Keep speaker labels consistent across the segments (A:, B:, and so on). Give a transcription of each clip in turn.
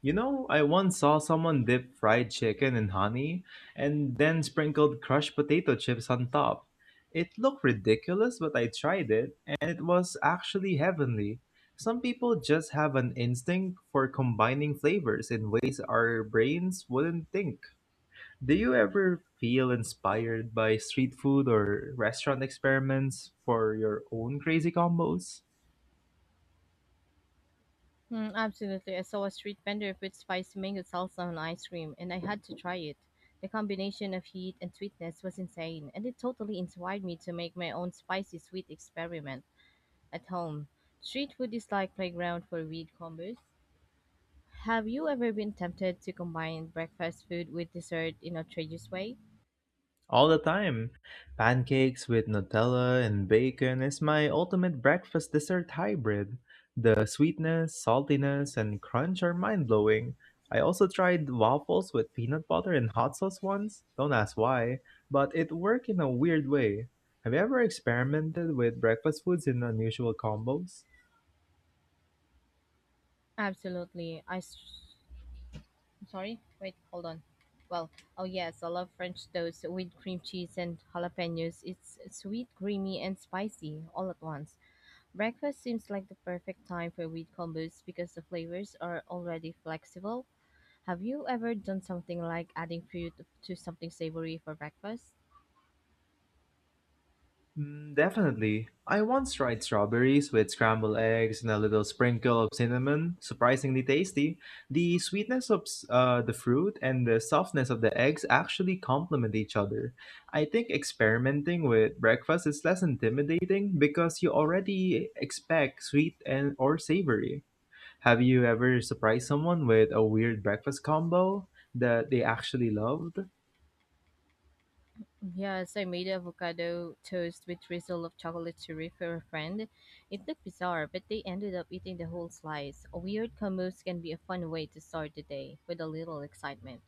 A: You know, I once saw someone dip fried chicken in honey and then sprinkled crushed potato chips on top. It looked ridiculous, but I tried it and it was actually heavenly. Some people just have an instinct for combining flavors in ways our brains wouldn't think. Do you ever feel inspired by street food or restaurant experiments for your own crazy combos?
B: Absolutely. I saw a street vendor put spicy mango salsa on ice cream, and I had to try it. The combination of heat and sweetness was insane, and it totally inspired me to make my own spicy sweet experiment at home. Street food is like playground for weird combos. Have you ever been tempted to combine breakfast food with dessert in a traditional way?
A: All the time. Pancakes with Nutella and bacon is my ultimate breakfast dessert hybrid. The sweetness, saltiness, and crunch are mind blowing. I also tried waffles with peanut butter and hot sauce once. Don't ask why, but it worked in a weird way. Have you ever experimented with breakfast foods in unusual combos?
B: Absolutely. Sorry, wait, hold on. Well, oh yes, I love French toast with cream cheese and jalapenos. It's sweet, creamy, and spicy all at once. Breakfast seems like the perfect time for wheat combos because the flavors are already flexible. Have you ever done something like adding fruit to something savory for breakfast?
A: Definitely. I once tried strawberries with scrambled eggs and a little sprinkle of cinnamon. Surprisingly tasty. The sweetness of the fruit and the softness of the eggs actually complement each other. I think experimenting with breakfast is less intimidating because you already expect sweet and or savory. Have you ever surprised someone with a weird breakfast combo that they actually loved?
B: Yes, I made avocado toast with drizzle of chocolate churro for a friend. It looked bizarre, but they ended up eating the whole slice. Weird combos can be a fun way to start the day with a little excitement.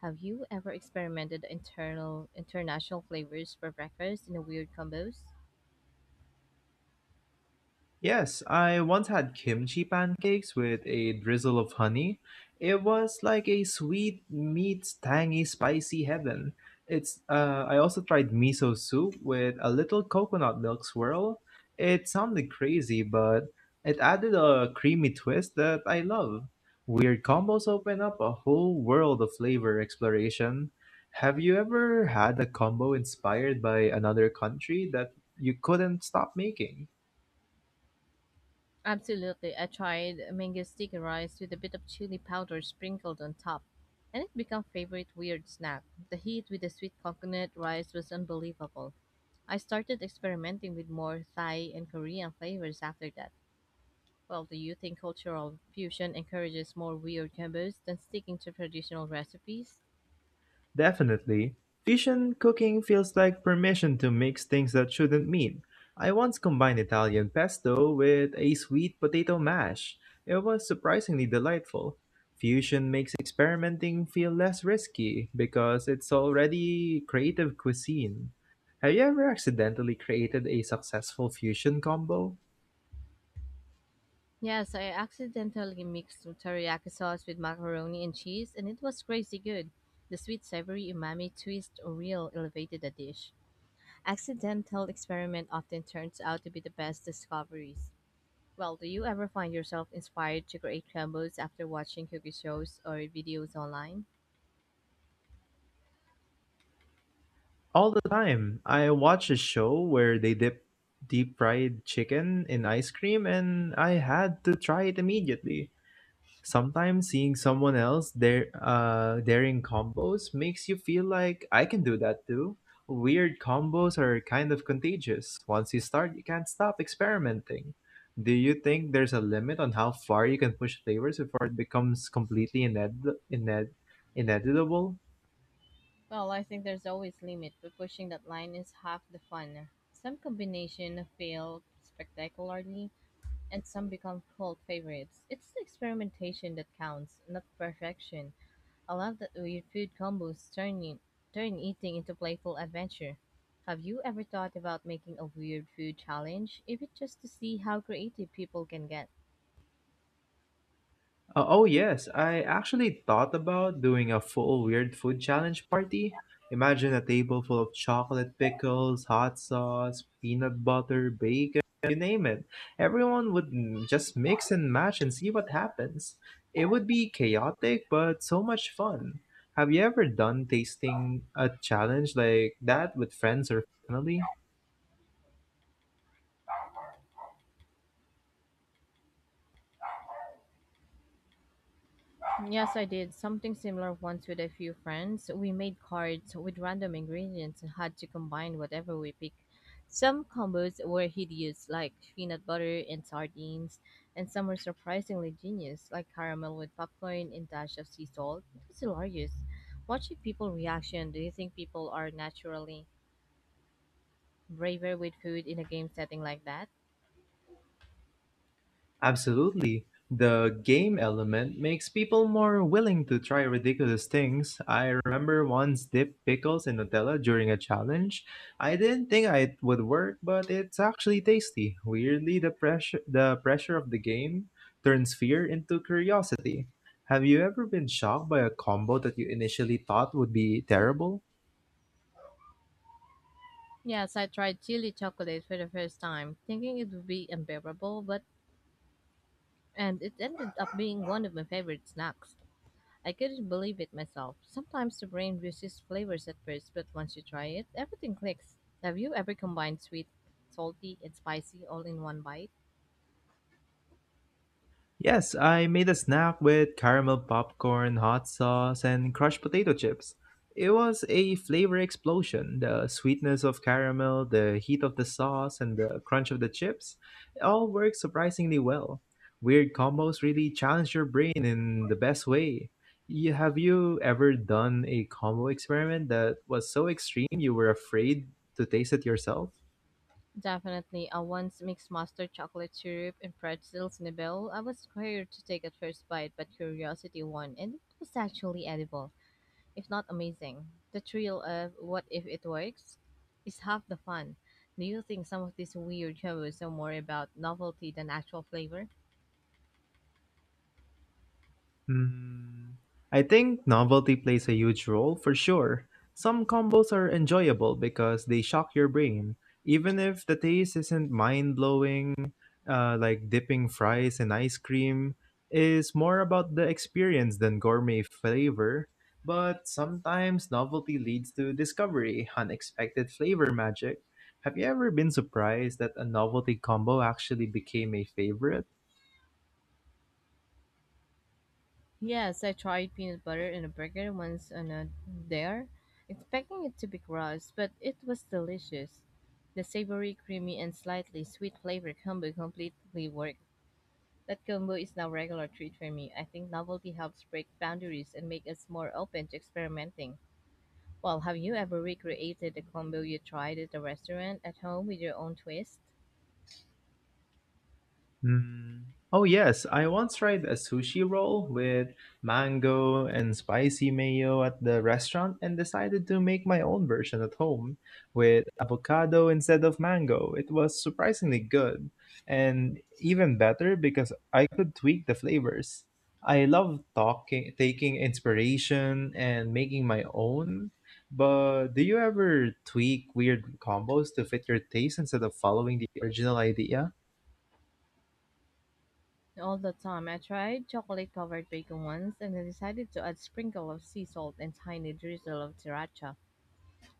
B: Have you ever experimented internal international flavors for breakfast in a weird combos?
A: Yes, I once had kimchi pancakes with a drizzle of honey. It was like a sweet meets tangy spicy heaven. It's I also tried miso soup with a little coconut milk swirl. It sounded crazy, but it added a creamy twist that I love. Weird combos open up a whole world of flavor exploration. Have you ever had a combo inspired by another country that you couldn't stop making?
B: Absolutely. I tried mango sticky rice with a bit of chili powder sprinkled on top, and it became favorite weird snack. The heat with the sweet coconut rice was unbelievable. I started experimenting with more Thai and Korean flavors after that. Well, do you think cultural fusion encourages more weird combos than sticking to traditional recipes?
A: Definitely. Fusion cooking feels like permission to mix things that shouldn't mean. I once combined Italian pesto with a sweet potato mash. It was surprisingly delightful. Fusion makes experimenting feel less risky because it's already creative cuisine. Have you ever accidentally created a successful fusion combo?
B: Yes, I accidentally mixed teriyaki sauce with macaroni and cheese, and it was crazy good. The sweet savory umami twist real elevated the dish. Accidental experiment often turns out to be the best discoveries. Well, do you ever find yourself inspired to create combos after watching cooking shows or videos online?
A: All the time. I watch a show where they dip deep fried chicken in ice cream and I had to try it immediately. Sometimes seeing someone else daring combos makes you feel like I can do that too. Weird combos are kind of contagious. Once you start, you can't stop experimenting. Do you think there's a limit on how far you can push flavors before it becomes completely inedible?
B: Well, I think there's always limit, but pushing that line is half the fun. Some combination fail spectacularly, and some become cult favorites. It's the experimentation that counts, not perfection. I love that weird food combos turn eating into playful adventure. Have you ever thought about making a weird food challenge, even just to see how creative people can get?
A: Oh, yes. I actually thought about doing a full weird food challenge party. Imagine a table full of chocolate pickles, hot sauce, peanut butter, bacon, you name it. Everyone would just mix and match and see what happens. It would be chaotic, but so much fun. Have you ever done tasting a challenge like that with friends or family?
B: Yes, I did something similar once with a few friends. We made cards with random ingredients and had to combine whatever we picked. Some combos were hideous, like peanut butter and sardines, and some were surprisingly genius, like caramel with popcorn and dash of sea salt. It was hilarious. Watching people reaction, do you think people are naturally braver with food in a game setting like that?
A: Absolutely. The game element makes people more willing to try ridiculous things. I remember once dip pickles in Nutella during a challenge. I didn't think it would work, but it's actually tasty. Weirdly, the pressure of the game turns fear into curiosity. Have you ever been shocked by a combo that you initially thought would be terrible?
B: Yes, I tried chili chocolate for the first time, thinking it would be unbearable, but and it ended up being one of my favorite snacks. I couldn't believe it myself. Sometimes the brain resists flavors at first, but once you try it, everything clicks. Have you ever combined sweet, salty, and spicy all in one bite?
A: Yes, I made a snack with caramel popcorn, hot sauce, and crushed potato chips. It was a flavor explosion. The sweetness of caramel, the heat of the sauce, and the crunch of the chips it all worked surprisingly well. Weird combos really challenge your brain in the best way. Have you ever done a combo experiment that was so extreme you were afraid to taste it yourself?
B: Definitely. I once mixed mustard, chocolate syrup, and pretzels in a bowl. I was scared to take a first bite, but curiosity won, and it was actually edible. If not amazing. The thrill of what if it works is half the fun. Do you think some of these weird jobs are more about novelty than actual flavor?
A: Hmm. I think novelty plays a huge role for sure. Some combos are enjoyable because they shock your brain, even if the taste isn't mind blowing. Like dipping fries in ice cream is more about the experience than gourmet flavor. But sometimes novelty leads to discovery, unexpected flavor magic. Have you ever been surprised that a novelty combo actually became a favorite?
B: Yes, I tried peanut butter in a burger once on a dare, expecting it to be gross, but it was delicious. The savory, creamy, and slightly sweet flavor combo completely worked. That combo is now a regular treat for me. I think novelty helps break boundaries and make us more open to experimenting. Well, have you ever recreated the combo you tried at the restaurant at home with your own twist?
A: Mm. Oh, yes. I once tried a sushi roll with mango and spicy mayo at the restaurant and decided to make my own version at home with avocado instead of mango. It was surprisingly good and even better because I could tweak the flavors. I love taking inspiration and making my own. But do you ever tweak weird combos to fit your taste instead of following the original idea?
B: All the time. I tried chocolate covered bacon once and I decided to add sprinkle of sea salt and tiny drizzle of sriracha.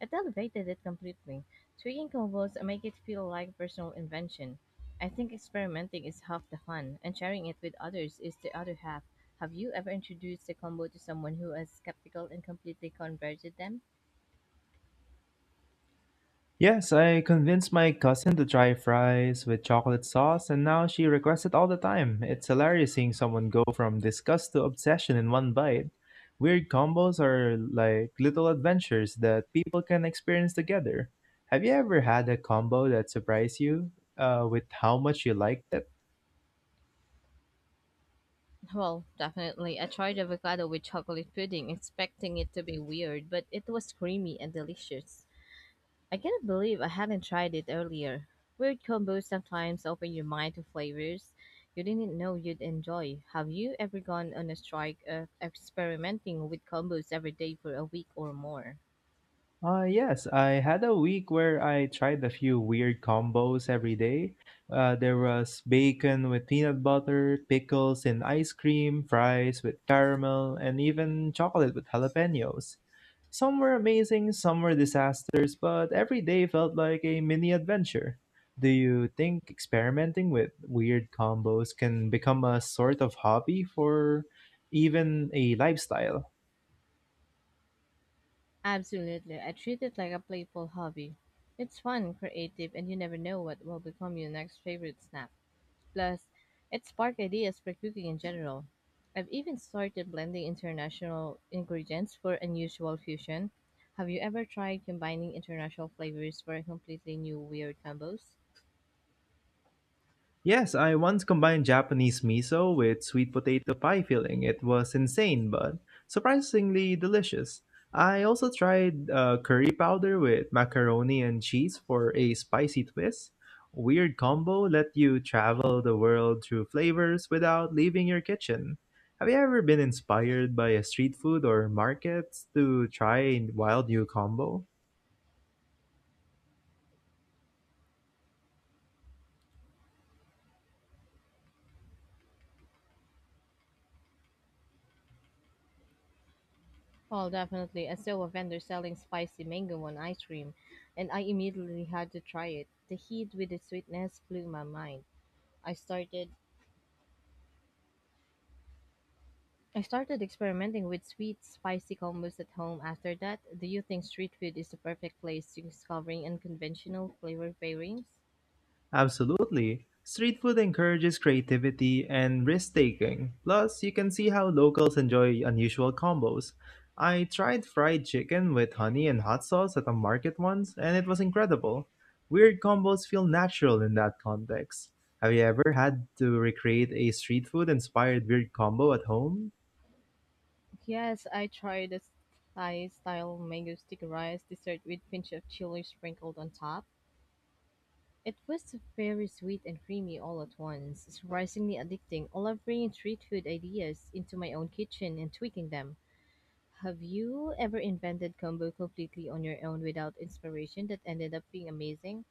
B: It elevated it completely. Tweaking combos make it feel like personal invention. I think experimenting is half the fun, and sharing it with others is the other half. Have you ever introduced a combo to someone who is skeptical and completely converted them?
A: Yes, I convinced my cousin to try fries with chocolate sauce, and now she requests it all the time. It's hilarious seeing someone go from disgust to obsession in one bite. Weird combos are like little adventures that people can experience together. Have you ever had a combo that surprised you with how much you liked it?
B: Well, definitely. I tried avocado with chocolate pudding, expecting it to be weird, but it was creamy and delicious. I cannot believe I hadn't tried it earlier. Weird combos sometimes open your mind to flavors you didn't know you'd enjoy. Have you ever gone on a strike of experimenting with combos every day for a week or more?
A: Yes, I had a week where I tried a few weird combos every day. There was bacon with peanut butter, pickles and ice cream, fries with caramel, and even chocolate with jalapenos. Some were amazing, some were disasters, but every day felt like a mini adventure. Do you think experimenting with weird combos can become a sort of hobby for even a lifestyle?
B: Absolutely. I treat it like a playful hobby. It's fun, creative, and you never know what will become your next favorite snack. Plus, it sparked ideas for cooking in general. I've even started blending international ingredients for unusual fusion. Have you ever tried combining international flavors for completely new weird combos?
A: Yes, I once combined Japanese miso with sweet potato pie filling. It was insane, but surprisingly delicious. I also tried curry powder with macaroni and cheese for a spicy twist. Weird combo let you travel the world through flavors without leaving your kitchen. Have you ever been inspired by a street food or markets to try a wild new combo?
B: Well, definitely. I saw a vendor selling spicy mango on ice cream, and I immediately had to try it. The heat with the sweetness blew my mind. I started I started experimenting with sweet, spicy combos at home after that. Do you think street food is the perfect place to discovering unconventional flavor pairings?
A: Absolutely. Street food encourages creativity and risk taking. Plus, you can see how locals enjoy unusual combos. I tried fried chicken with honey and hot sauce at a market once, and it was incredible. Weird combos feel natural in that context. Have you ever had to recreate a street food inspired weird combo at home?
B: Yes, I tried the Thai style mango stick rice dessert with pinch of chili sprinkled on top. It was very sweet and creamy all at once, surprisingly addicting. I love bringing street food ideas into my own kitchen and tweaking them. Have you ever invented combo completely on your own without inspiration that ended up being amazing?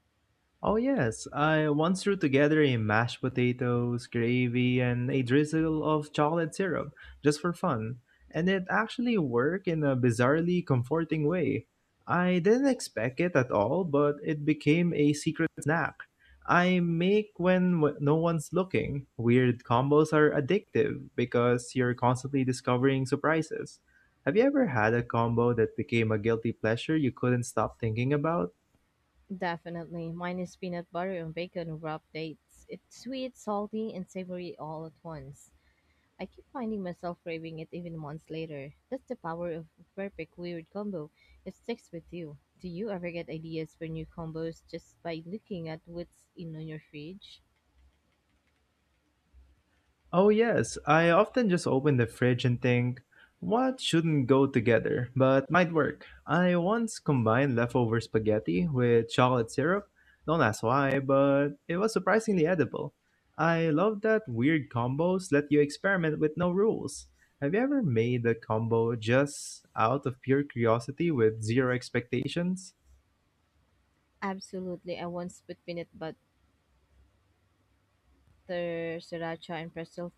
A: Oh yes, I once threw together a mashed potatoes, gravy, and a drizzle of chocolate syrup just for fun, and it actually worked in a bizarrely comforting way. I didn't expect it at all, but it became a secret snack. I make when no one's looking. Weird combos are addictive because you're constantly discovering surprises. Have you ever had a combo that became a guilty pleasure you couldn't stop thinking about?
B: Definitely. Mine is peanut butter and bacon wrapped dates. It's sweet, salty, and savory all at once. I keep finding myself craving it even months later. That's the power of a perfect weird combo. It sticks with you. Do you ever get ideas for new combos just by looking at what's in on your fridge?
A: Oh, yes. I often just open the fridge and think, what shouldn't go together, but might work. I once combined leftover spaghetti with chocolate syrup. Don't ask why, but it was surprisingly edible. I love that weird combos let you experiment with no rules. Have you ever made a combo just out of pure curiosity with zero expectations?
B: Absolutely. I once put peanut but After sriracha and pretzel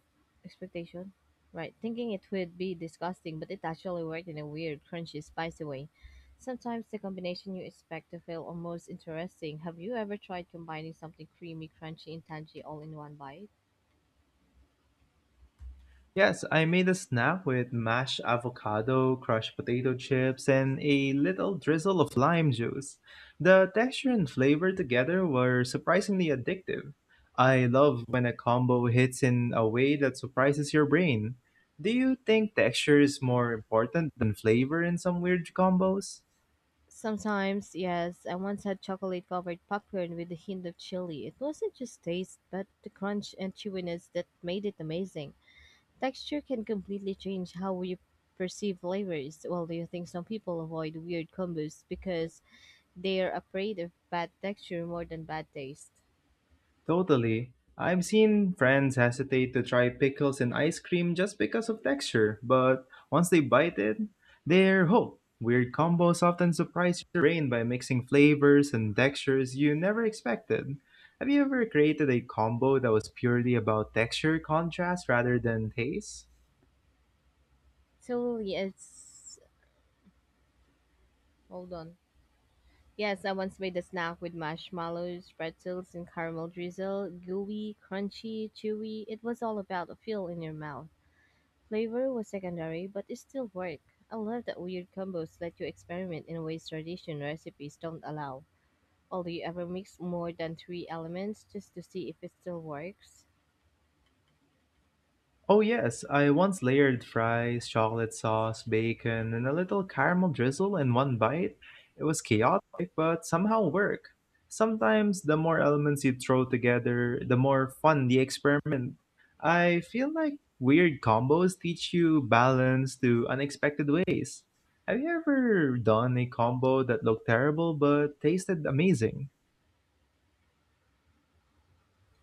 B: expectation. Right, thinking it would be disgusting, but it actually worked in a weird, crunchy, spicy way. Sometimes the combination you expect to feel almost interesting. Have you ever tried combining something creamy, crunchy, and tangy all in one bite?
A: Yes, I made a snack with mashed avocado, crushed potato chips, and a little drizzle of lime juice. The texture and flavor together were surprisingly addictive. I love when a combo hits in a way that surprises your brain. Do you think texture is more important than flavor in some weird combos?
B: Sometimes, yes. I once had chocolate covered popcorn with a hint of chili. It wasn't just taste, but the crunch and chewiness that made it amazing. Texture can completely change how you perceive flavors. Well, do you think some people avoid weird combos because they're afraid of bad texture more than bad taste?
A: Totally. I've seen friends hesitate to try pickles in ice cream just because of texture, but once they bite it, they're hooked. Weird combos often surprise your brain by mixing flavors and textures you never expected. Have you ever created a combo that was purely about texture contrast rather than taste?
B: So, yes, hold on. Yes, I once made a snack with marshmallows, pretzels, and caramel drizzle. Gooey, crunchy, chewy. It was all about a feel in your mouth. Flavor was secondary, but it still worked. I love that weird combos let you experiment in ways traditional recipes don't allow. Only ever mix more than three elements just to see if it still works.
A: Oh, yes, I once layered fries, chocolate sauce, bacon, and a little caramel drizzle in one bite. It was chaotic, but somehow worked. Sometimes the more elements you throw together, the more fun the experiment. I feel like weird combos teach you balance to unexpected ways. Have you ever done a combo that looked terrible but tasted amazing?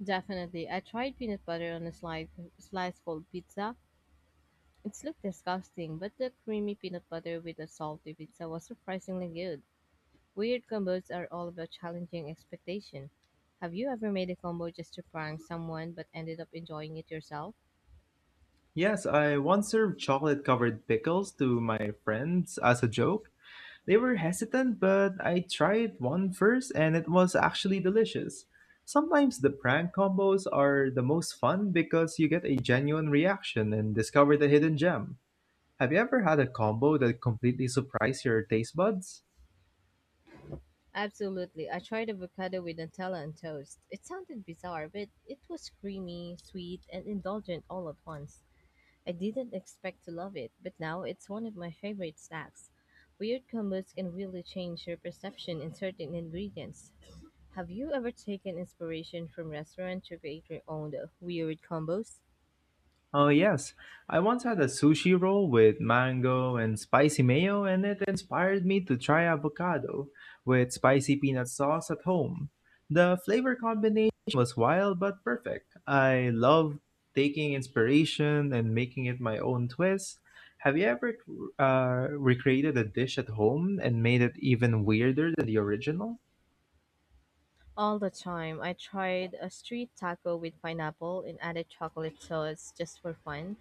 B: Definitely, I tried peanut butter on a slice cold pizza. It looked disgusting, but the creamy peanut butter with the salty pizza was surprisingly good. Weird combos are all about challenging expectation. Have you ever made a combo just to prank someone but ended up enjoying it yourself?
A: Yes, I once served chocolate covered pickles to my friends as a joke. They were hesitant, but I tried one first and it was actually delicious. Sometimes the prank combos are the most fun because you get a genuine reaction and discover the hidden gem. Have you ever had a combo that completely surprised your taste buds?
B: Absolutely. I tried avocado with Nutella and toast. It sounded bizarre, but it was creamy, sweet, and indulgent all at once. I didn't expect to love it, but now it's one of my favorite snacks. Weird combos can really change your perception in certain ingredients. Have you ever taken inspiration from restaurants to create your own weird combos?
A: Oh, yes. I once had a sushi roll with mango and spicy mayo, and it inspired me to try avocado with spicy peanut sauce at home. The flavor combination was wild but perfect. I love taking inspiration and making it my own twist. Have you ever recreated a dish at home and made it even weirder than the original?
B: All the time. I tried a street taco with pineapple and added chocolate sauce just for fun,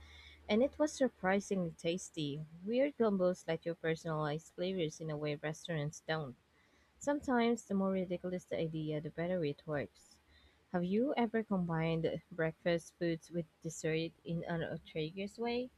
B: and it was surprisingly tasty. Weird combos let you personalize flavors in a way restaurants don't. Sometimes the more ridiculous the idea, the better it works. Have you ever combined breakfast foods with dessert in an outrageous way?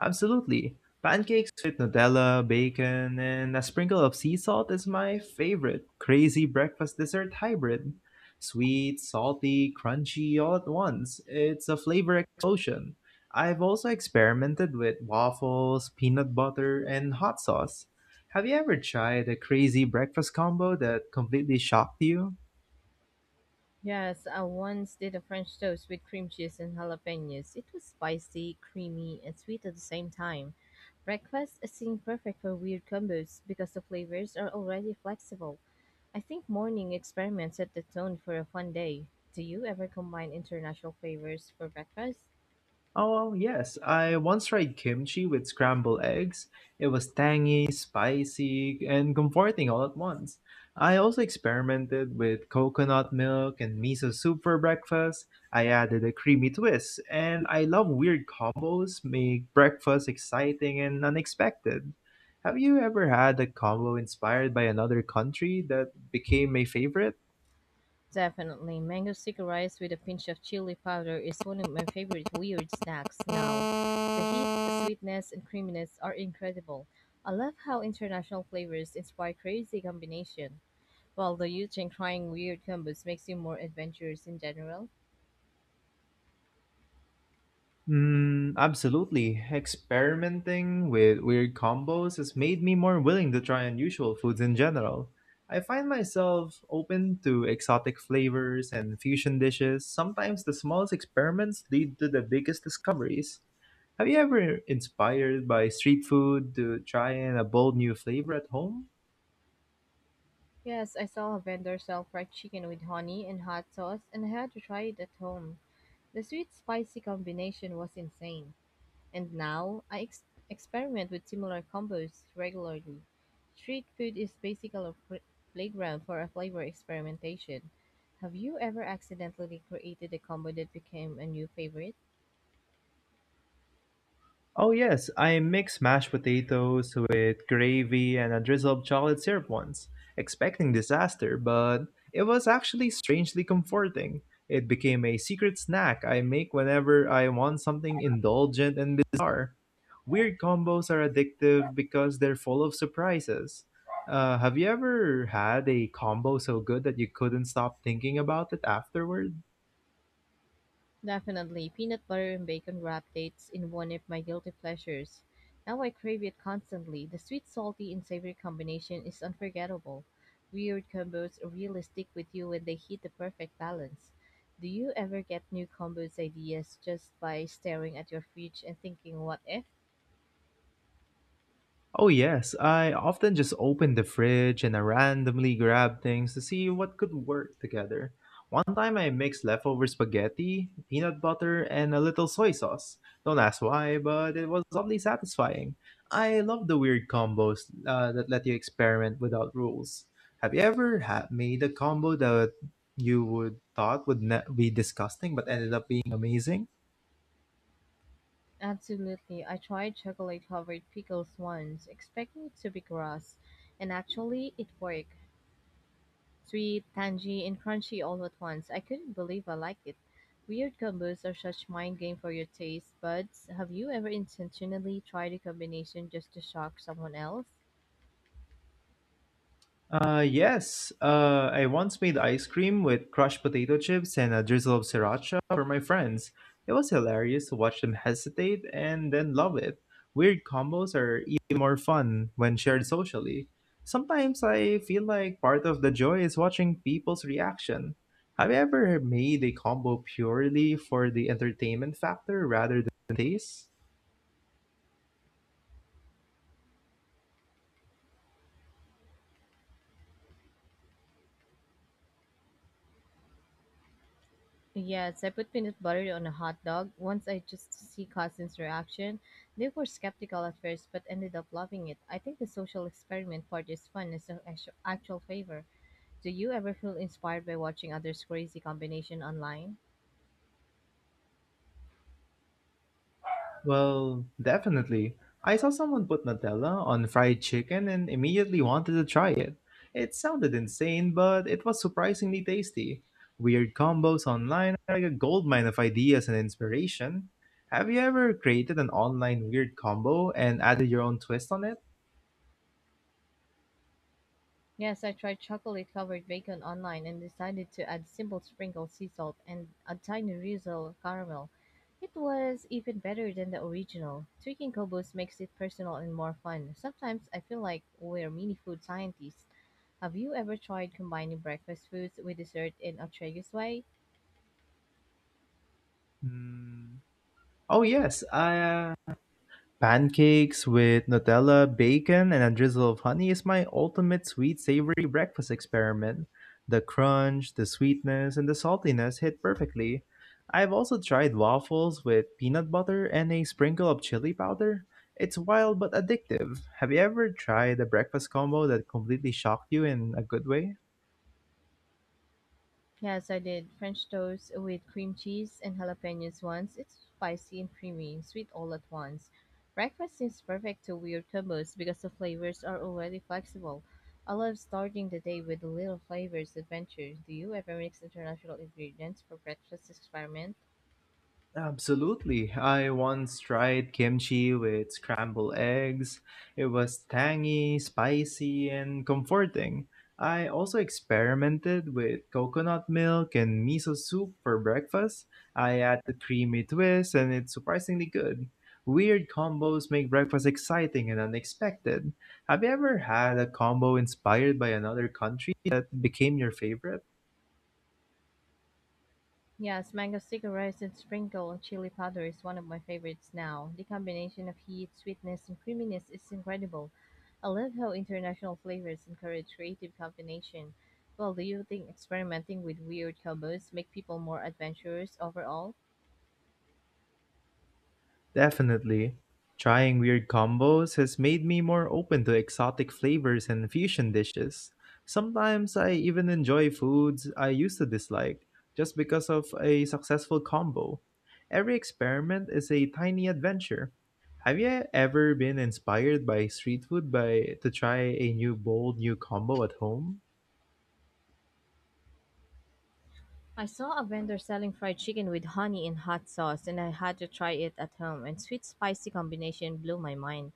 A: Absolutely. Pancakes with Nutella, bacon, and a sprinkle of sea salt is my favorite crazy breakfast dessert hybrid. Sweet, salty, crunchy all at once. It's a flavor explosion. I've also experimented with waffles, peanut butter, and hot sauce. Have you ever tried a crazy breakfast combo that completely shocked you?
B: Yes, I once did a French toast with cream cheese and jalapenos. It was spicy, creamy, and sweet at the same time. Breakfast seemed perfect for weird combos because the flavors are already flexible. I think morning experiments set the tone for a fun day. Do you ever combine international flavors for breakfast?
A: Oh, yes. I once tried kimchi with scrambled eggs. It was tangy, spicy, and comforting all at once. I also experimented with coconut milk and miso soup for breakfast. I added a creamy twist, and I love weird combos make breakfast exciting and unexpected. Have you ever had a combo inspired by another country that became my favorite?
B: Definitely. Mango sticky rice with a pinch of chili powder is one of my favorite weird snacks now. The heat, sweetness, and creaminess are incredible. I love how international flavors inspire crazy combination. Well, do you think trying weird combos makes you more adventurous in general?
A: Absolutely. Experimenting with weird combos has made me more willing to try unusual foods in general. I find myself open to exotic flavors and fusion dishes. Sometimes the smallest experiments lead to the biggest discoveries. Have you ever inspired by street food to try in a bold new flavor at home?
B: Yes, I saw a vendor sell fried chicken with honey and hot sauce, and I had to try it at home. The sweet spicy combination was insane. And now I ex- experiment with similar combos regularly. Street food is basically a playground for a flavor experimentation. Have you ever accidentally created a combo that became a new favorite?
A: Oh yes, I mixed mashed potatoes with gravy and a drizzle of chocolate syrup once, expecting disaster, but it was actually strangely comforting. It became a secret snack I make whenever I want something indulgent and bizarre. Weird combos are addictive because they're full of surprises. Have you ever had a combo so good that you couldn't stop thinking about it afterward?
B: Definitely, peanut butter and bacon wrapped dates in one of my guilty pleasures. Now I crave it constantly. The sweet, salty, and savory combination is unforgettable. Weird combos really stick with you when they hit the perfect balance. Do you ever get new combos ideas just by staring at your fridge and thinking, what if?
A: Oh, yes. I often just open the fridge and I randomly grab things to see what could work together. One time I mixed leftover spaghetti, peanut butter, and a little soy sauce. Don't ask why, but it was oddly satisfying. I love the weird combos that let you experiment without rules. Have you ever made a combo that you would thought would be disgusting but ended up being amazing?
B: Absolutely. I tried chocolate covered pickles once, expecting it to be gross, and actually it worked. Sweet, tangy, and crunchy all at once. I couldn't believe I liked it. Weird combos are such mind game for your taste buds. Have you ever intentionally tried a combination just to shock someone else?
A: Yes, I once made ice cream with crushed potato chips and a drizzle of sriracha for my friends. It was hilarious to watch them hesitate and then love it. Weird combos are even more fun when shared socially. Sometimes I feel like part of the joy is watching people's reaction. Have you ever made a combo purely for the entertainment factor rather than taste?
B: Yes, I put peanut butter on a hot dog. Once I just to see cousins' reaction. They were skeptical at first, but ended up loving it. I think the social experiment part is fun as an actual favor. Do you ever feel inspired by watching others' crazy combination online?
A: Well, definitely. I saw someone put Nutella on fried chicken and immediately wanted to try it. It sounded insane, but it was surprisingly tasty. Weird combos online are like a goldmine of ideas and inspiration. Have you ever created an online weird combo and added your own twist on it?
B: Yes, I tried chocolate covered bacon online and decided to add simple sprinkles, sea salt and a tiny drizzle caramel. It was even better than the original. Tweaking kobos makes it personal and more fun. Sometimes I feel like we're mini food scientists. Have you ever tried combining breakfast foods with dessert in a curious way?
A: Hmm. Oh yes, pancakes with Nutella, bacon, and a drizzle of honey is my ultimate sweet savory breakfast experiment. The crunch, the sweetness, and the saltiness hit perfectly. I've also tried waffles with peanut butter and a sprinkle of chili powder. It's wild but addictive. Have you ever tried a breakfast combo that completely shocked you in a good way?
B: Yes, I did French toast with cream cheese and jalapenos once. It's spicy and creamy, and sweet all at once. Breakfast is perfect to weird combos because the flavors are already flexible. I love starting the day with a little flavors adventure. Do you ever mix international ingredients for breakfast experiment?
A: Absolutely. I once tried kimchi with scrambled eggs. It was tangy, spicy, and comforting. I also experimented with coconut milk and miso soup for breakfast. I add the creamy twist, and it's surprisingly good. Weird combos make breakfast exciting and unexpected. Have you ever had a combo inspired by another country that became your favorite?
B: Yes, mango sticky rice and sprinkle chili powder is one of my favorites now. The combination of heat, sweetness, and creaminess is incredible. I love how international flavors encourage creative combination. Well, do you think experimenting with weird combos make people more adventurous overall?
A: Definitely. Trying weird combos has made me more open to exotic flavors and fusion dishes. Sometimes I even enjoy foods I used to dislike just because of a successful combo. Every experiment is a tiny adventure. Have you ever been inspired by street food by to try a new bold new combo at home?
B: I saw a vendor selling fried chicken with honey and hot sauce, and I had to try it at home. And sweet spicy combination blew my mind.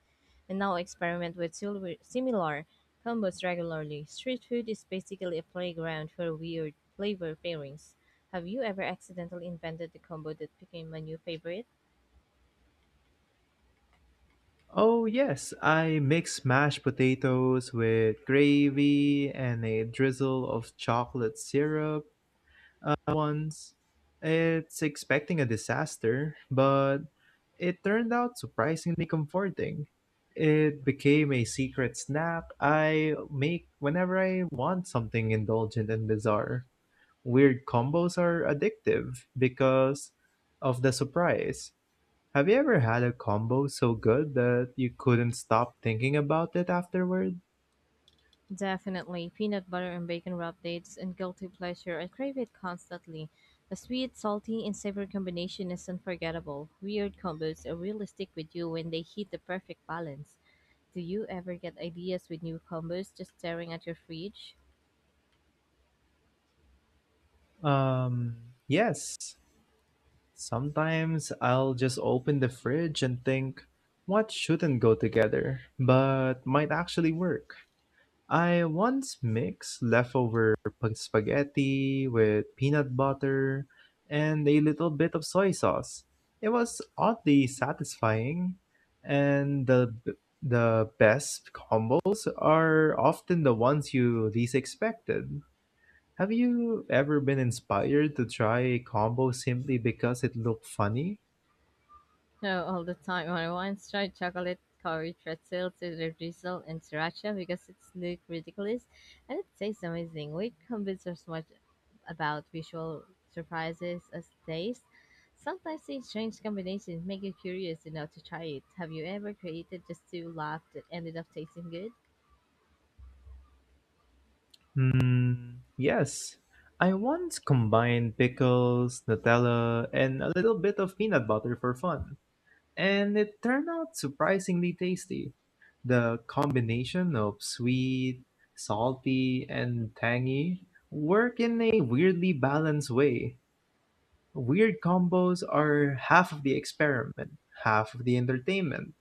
B: And now I experiment with similar combos regularly. Street food is basically a playground for weird flavor pairings. Have you ever accidentally invented a combo that became a new favorite?
A: Oh yes, I mix mashed potatoes with gravy and a drizzle of chocolate syrup once. It's expecting a disaster, but it turned out surprisingly comforting. It became a secret snack I make whenever I want something indulgent and bizarre. Weird combos are addictive because of the surprise. Have you ever had a combo so good that you couldn't stop thinking about it afterward?
B: Definitely. Peanut butter and bacon wrap dates and guilty pleasure. I crave it constantly. The sweet, salty, and savory combination is unforgettable. Weird combos are really stick with you when they hit the perfect balance. Do you ever get ideas with new combos just staring at your fridge?
A: Yes, sometimes I'll just open the fridge and think, what shouldn't go together, but might actually work. I once mixed leftover spaghetti with peanut butter and a little bit of soy sauce. It was oddly satisfying, and the best combos are often the ones you least expected. Have you ever been inspired to try a combo simply because it looked funny?
B: No, all the time. I once tried chocolate curry pretzel, scissor drizzle, and sriracha because it's look ridiculous and it tastes amazing. Weird combos are so much about visual surprises as taste. Sometimes these strange combinations make you curious enough to try it. Have you ever created just to laugh that ended up tasting good?
A: Hmm, yes. I once combined pickles, Nutella, and a little bit of peanut butter for fun, and it turned out surprisingly tasty. The combination of sweet, salty, and tangy work in a weirdly balanced way. Weird combos are half of the experiment, half of the entertainment.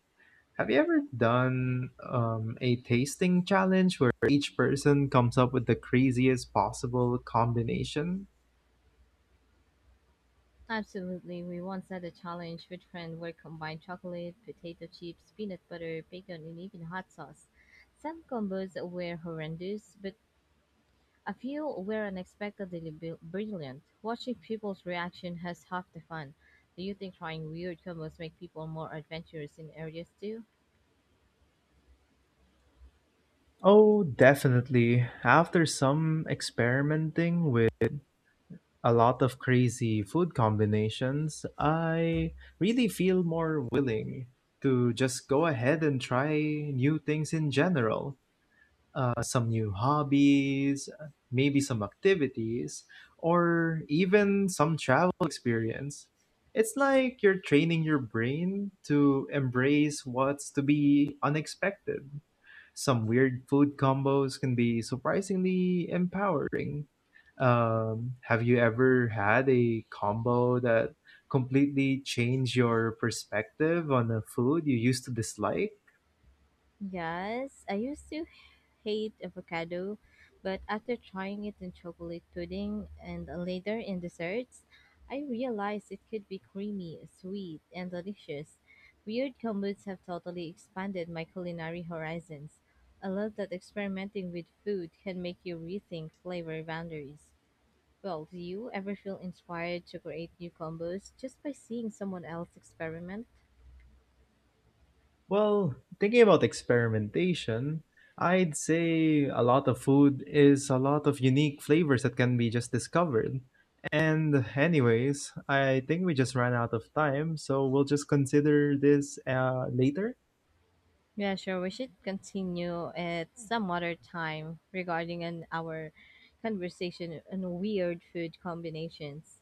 A: Have you ever done a tasting challenge where each person comes up with the craziest possible combination?
B: Absolutely. We once had a challenge with friend where combined chocolate, potato chips, peanut butter, bacon, and even hot sauce. Some combos were horrendous, but a few were unexpectedly brilliant. Watching people's reaction has half the fun. Do you think trying weird combos make people more adventurous in areas too?
A: Oh, definitely. After some experimenting with a lot of crazy food combinations, I really feel more willing to just go ahead and try new things in general. Some new hobbies, maybe some activities, or even some travel experience. It's like you're training your brain to embrace what's to be unexpected. Some weird food combos can be surprisingly empowering. Have you ever had a combo that completely changed your perspective on a food you used to dislike?
B: Yes, I used to hate avocado, but after trying it in chocolate pudding and later in desserts, I realized it could be creamy, sweet, and delicious. Weird combos have totally expanded my culinary horizons. I love that experimenting with food can make you rethink flavor boundaries. Well, do you ever feel inspired to create new combos just by seeing someone else experiment?
A: Well, thinking about experimentation, I'd say a lot of food is a lot of unique flavors that can be just discovered. And, anyways, I think we just ran out of time, so we'll just consider this later.
B: Yeah, sure. We should continue at some other time regarding an our conversation on weird food combinations.